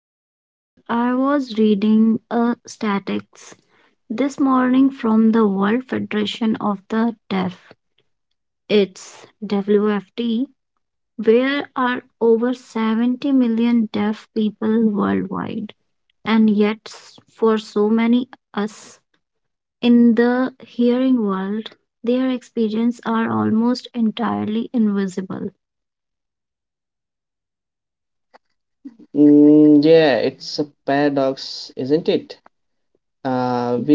know, Anshul, I was reading a statistics this morning from the World Federation of the Deaf. It's WFT, where are over 70 million deaf people worldwide. And yet, for so many us in the hearing world, their experiences are almost entirely invisible. Mm.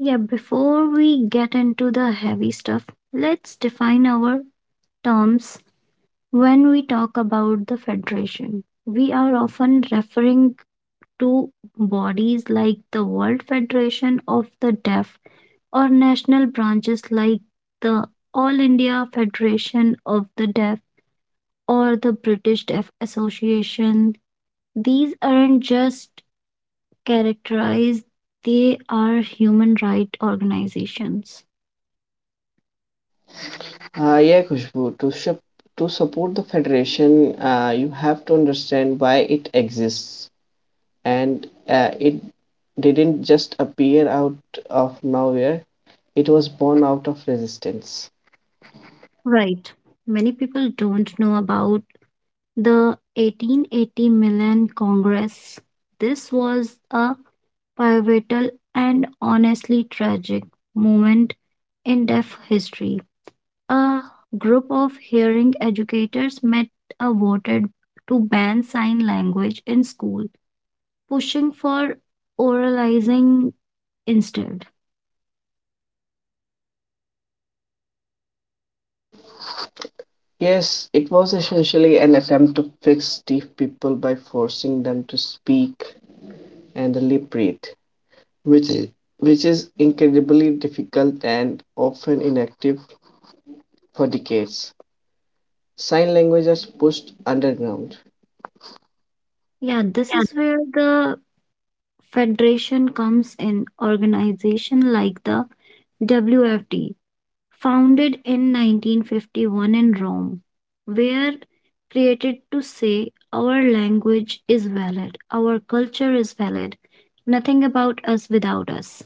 Yeah, before we get into the heavy stuff, let's define our terms when we talk about the Federation. We are often referring to bodies like the World Federation of the Deaf or national branches like the All India Federation of the Deaf or the British Deaf Association. These aren't just characterized, they are human rights organizations. Right. Many people don't know about the 1880 Milan Congress. This was a pivotal and honestly tragic moment in deaf history. A group of hearing educators met a voted to ban sign language in school, pushing for oralizing instead. Yeah, this is where the federation comes in. Organization like the WFT, founded in 1951 in Rome, were created to say our language is valid, our culture is valid, nothing about us without us.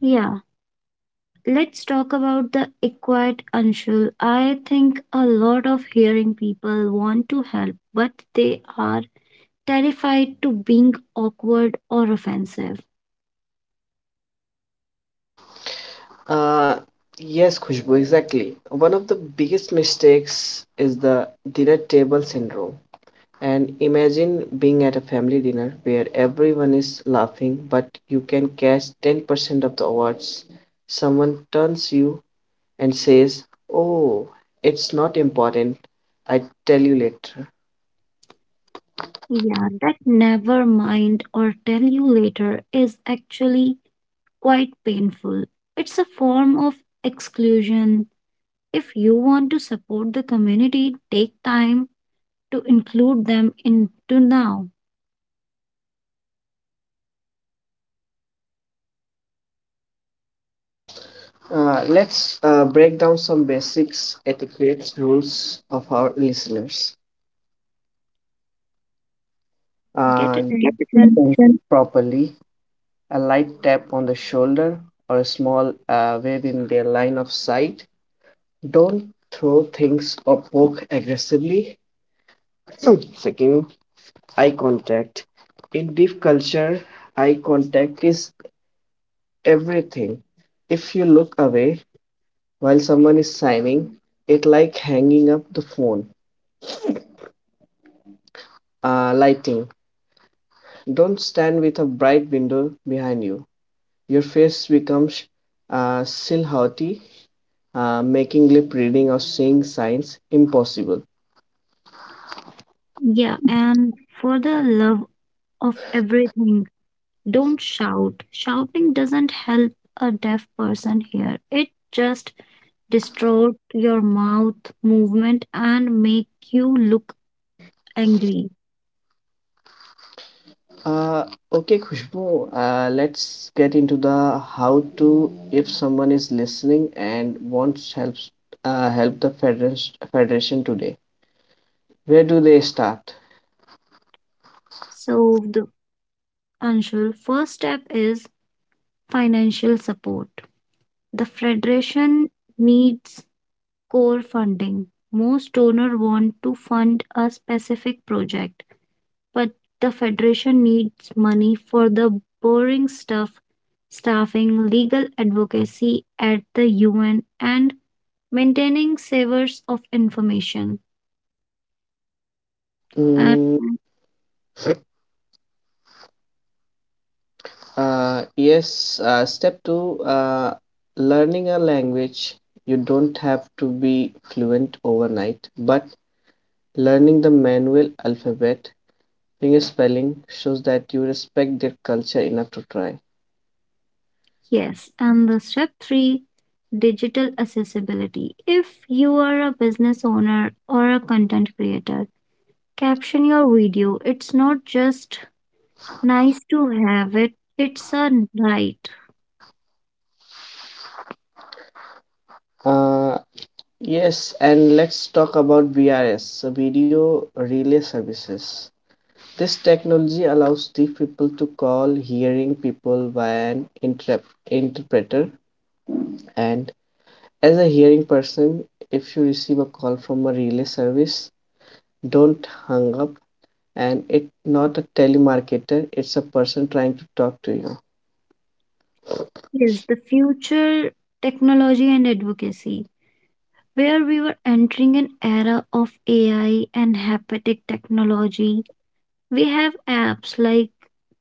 Yeah. Let's talk about the acquired Anshul. I think a lot of hearing people want to help, but they are terrified to being awkward or offensive. Yeah, that never mind or tell you later is actually quite painful. It's a form of exclusion. If you want to support the community, take time to include them into now. Get attention. Yeah, and for the love of everything, don't shout. Shouting doesn't help a deaf person hear. It just distorts your mouth movement and make you look angry. So the Anshul, first step is financial support. The federation needs core funding. Most donor want to fund a specific project but the Federation needs money for the boring stuff staffing, legal advocacy at the UN, and maintaining savers of information. And yes, and the step three digital accessibility. If you are a business owner or a content creator, caption your video. It's not just nice to have it, it's a right. Yes, the future technology and advocacy. Where we were entering an era of AI and hepatic technology. We have apps like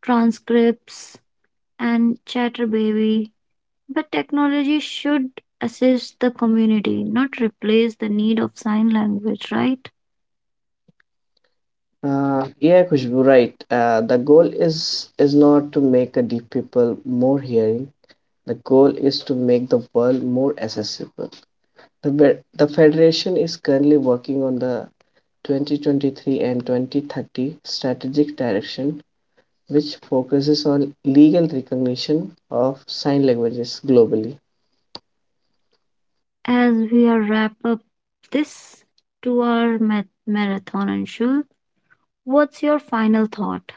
Transcripts and Chatterbaby, but technology should assist the community, not replace the need of sign language, right? As we are wrap up this 2 hour marathon, Anshul, what's your final thought?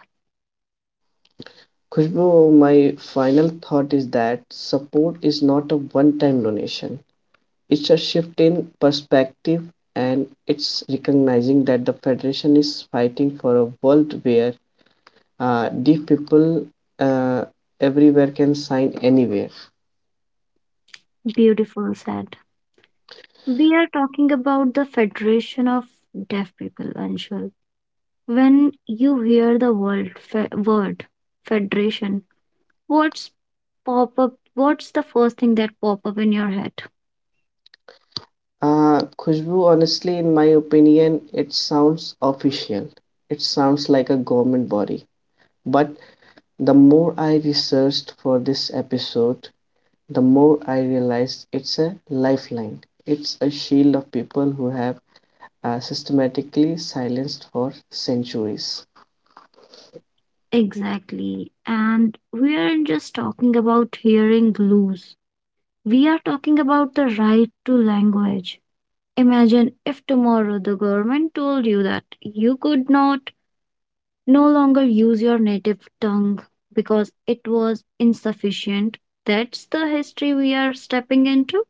Beautiful said. We are talking about the Federation of Deaf People, Anshul. When you hear the word federation, what's pop up? What's the first thing that pop up in your head? Exactly. And we aren't just talking about hearing glues. We are talking about the right to language. Imagine if tomorrow the government told you that you could not no longer use your native tongue because it was insufficient. That's the history we are stepping into.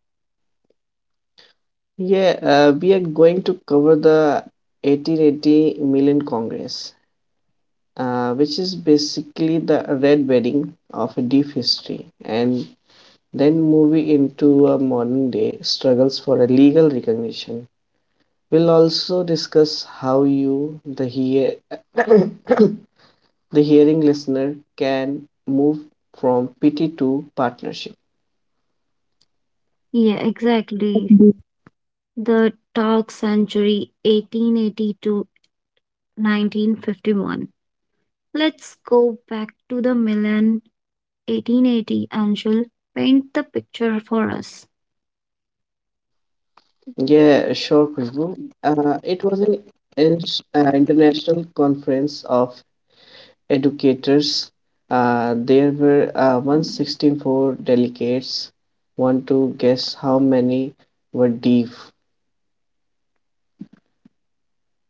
Yeah, exactly. The dark century 1880 to 1951. Let's go back to the Milan 1880 and she'll paint the picture for us.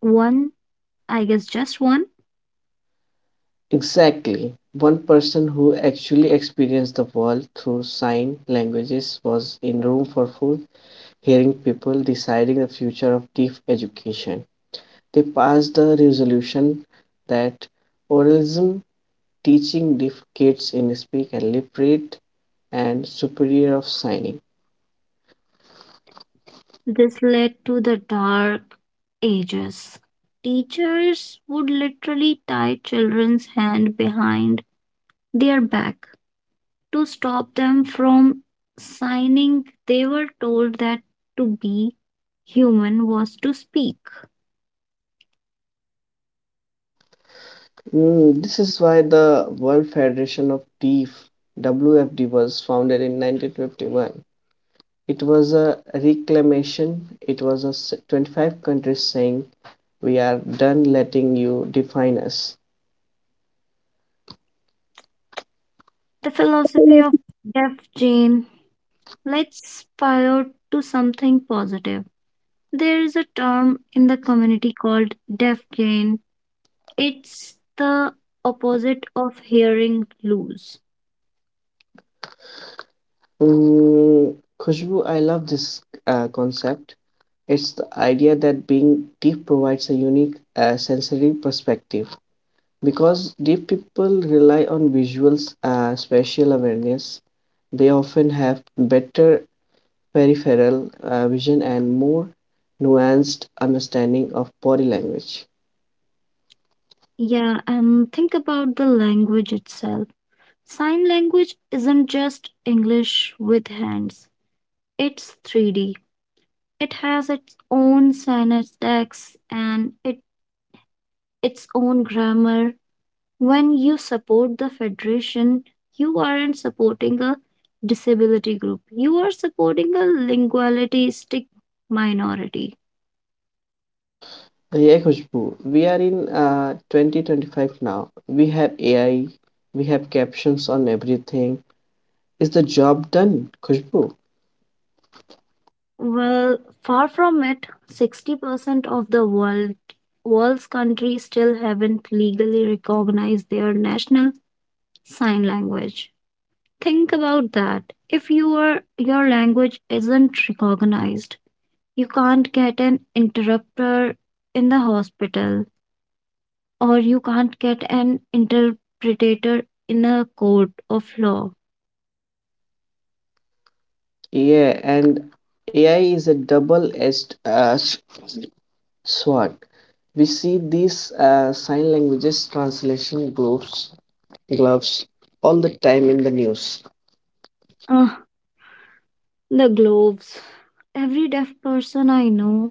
One, I guess just one. This led to the dark ages. Teachers would literally tie children's hand behind their back to stop them from signing. They were told that to be human was to speak. The philosophy of Def Jane, let's pivot to something positive. There is a term in the community called Def Jane. It's the opposite of hearing lose. Yeah, and think about the language itself. Sign language isn't just English with hands, it's 3D. It has its own syntax and it, its own grammar. When you support the federation, you aren't supporting a disability group. You are supporting a lingualistic minority. Well, far from it, 60% of the world's countries still haven't legally recognized their national sign language. Think about that. If you are, your language isn't recognized, you can't get an interpreter in the hospital or you can't get an interpreter in a court of law. Ah, the gloves. Every deaf person I know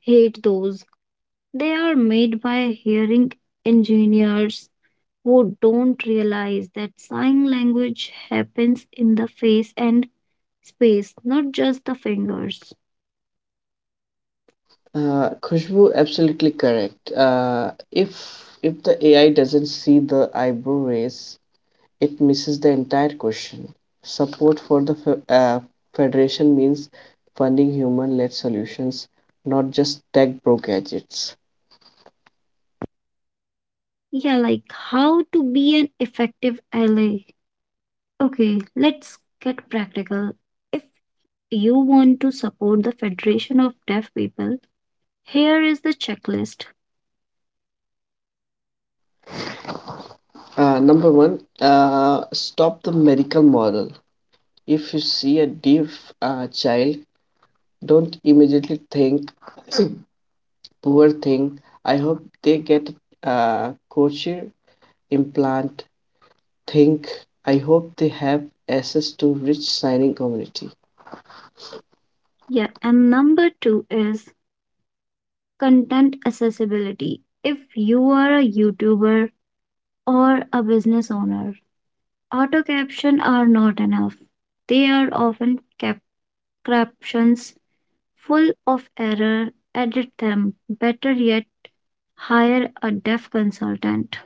hate those. They are made by hearing engineers who don't realize that sign language happens in the face and space, not just the fingers. Yeah, like how to be an effective ally. Okay, let's get practical. If you want to support the Federation of Deaf People, here is the checklist. Yeah, and number two is content accessibility. If you are a YouTuber or a business owner, auto caption are not enough. They are often captions full of error. Edit them. Better yet, hire a deaf consultant.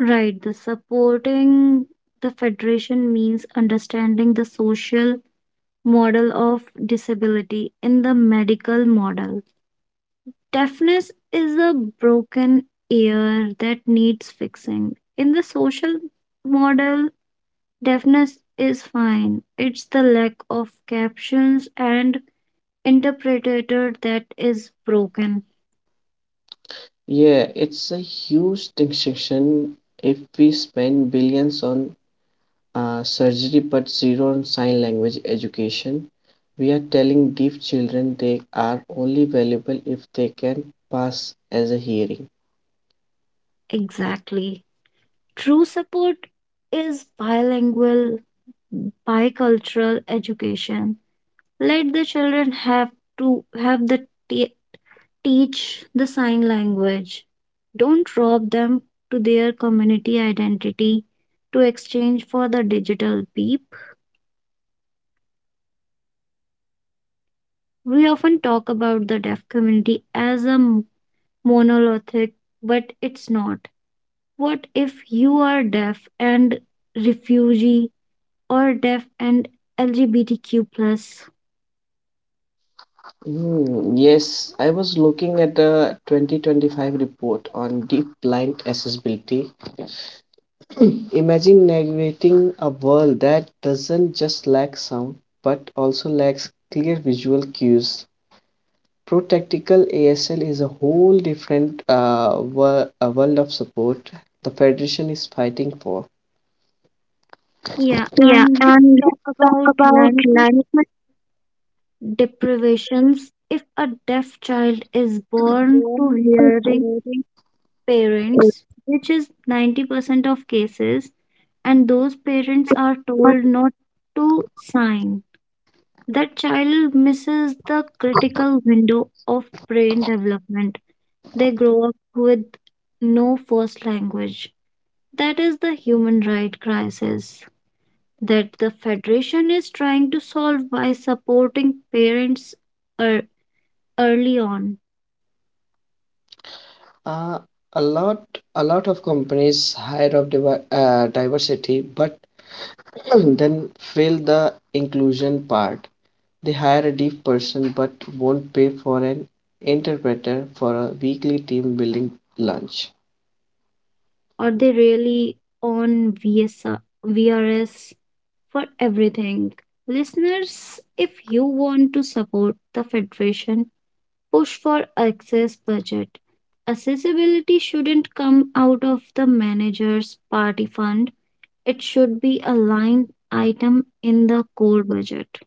Right, the supporting the federation means understanding the social model of disability in the medical model. Deafness is a broken ear that needs fixing. In the social model, deafness is fine. It's the lack of captions and interpreter that is broken. Exactly. True support is bilingual, bicultural education. Let the children have to have the t- teach the sign language. Don't rob them to their community identity to exchange for the digital beep. We often talk about the deaf community as a monolithic, but it's not. What if you are deaf and refugee or deaf and LGBTQ plus? Yeah, Yeah, and let's and let's talk talk about about language language deprivations. If a deaf child is born to norms to hearing parents, parents. which is 90% of cases, and those parents are told not to sign. That child misses the critical window of brain development. They grow up with no first language. That is the human right crisis that the Federation is trying to solve by supporting parents ear- early on, or they really on VSR, for everything. Listeners, if you want to support the Federation, push for access budget. Accessibility shouldn't come out of the manager's party fund, it should be a line item in the core budget.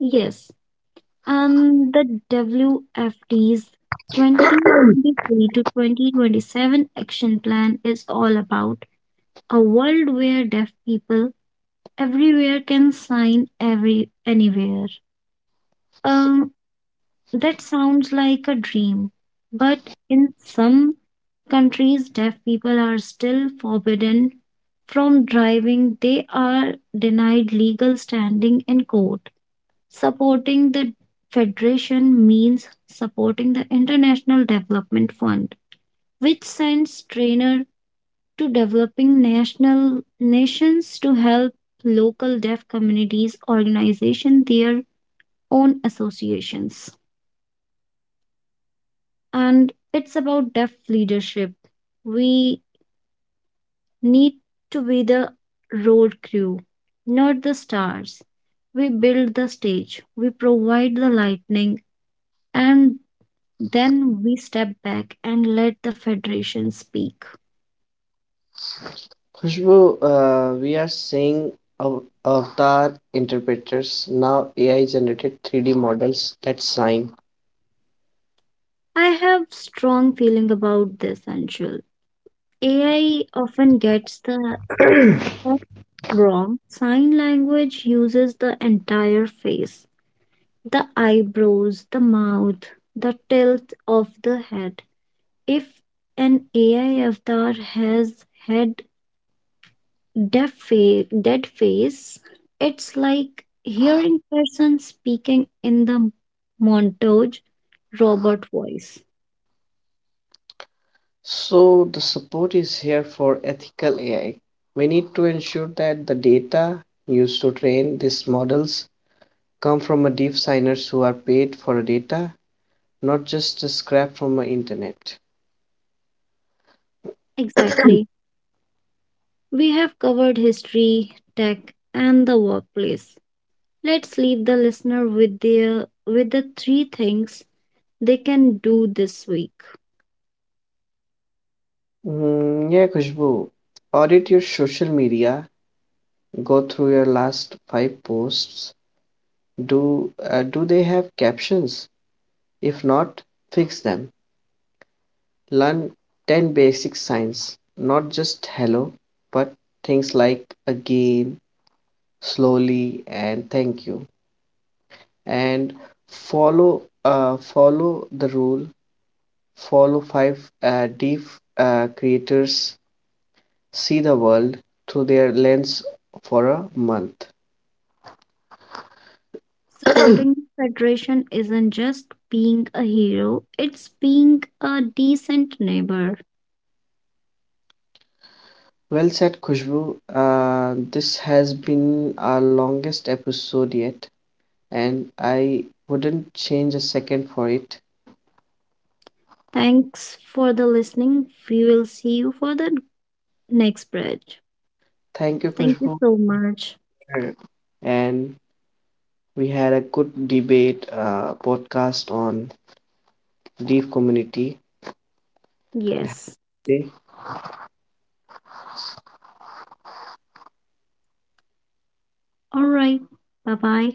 Yes, and the WFD's 2023 to 2027 action plan is all about a world where deaf people everywhere can sign every anywhere. Um, that sounds like a dream, but in some countries, deaf people are still forbidden from driving. They are denied legal standing in court. Supporting the federation means supporting the International Development Fund, which sends trainer to developing national nations to help local deaf communities organization their own associations and it's about deaf leadership. We need to be the road crew, not the stars. We build the stage, we provide the lightning and then we step back and let the federation speak. I have strong feeling about this angel. AI often gets the Correct wrong, sign language uses the entire face, the eyebrows, the mouth, the tilt of the head. If an AI avatar has had dead face, it's like hearing person speaking in the montage robot voice. Exactly. We have covered history, tech, and the workplace. Let's leave the listener with the three things they can do this week. Supporting the Federation isn't just being a hero, it's being a decent neighbor. Thanks for the listening. We will see you for the next bridge. Thank you so much. Yes. All right. Bye bye.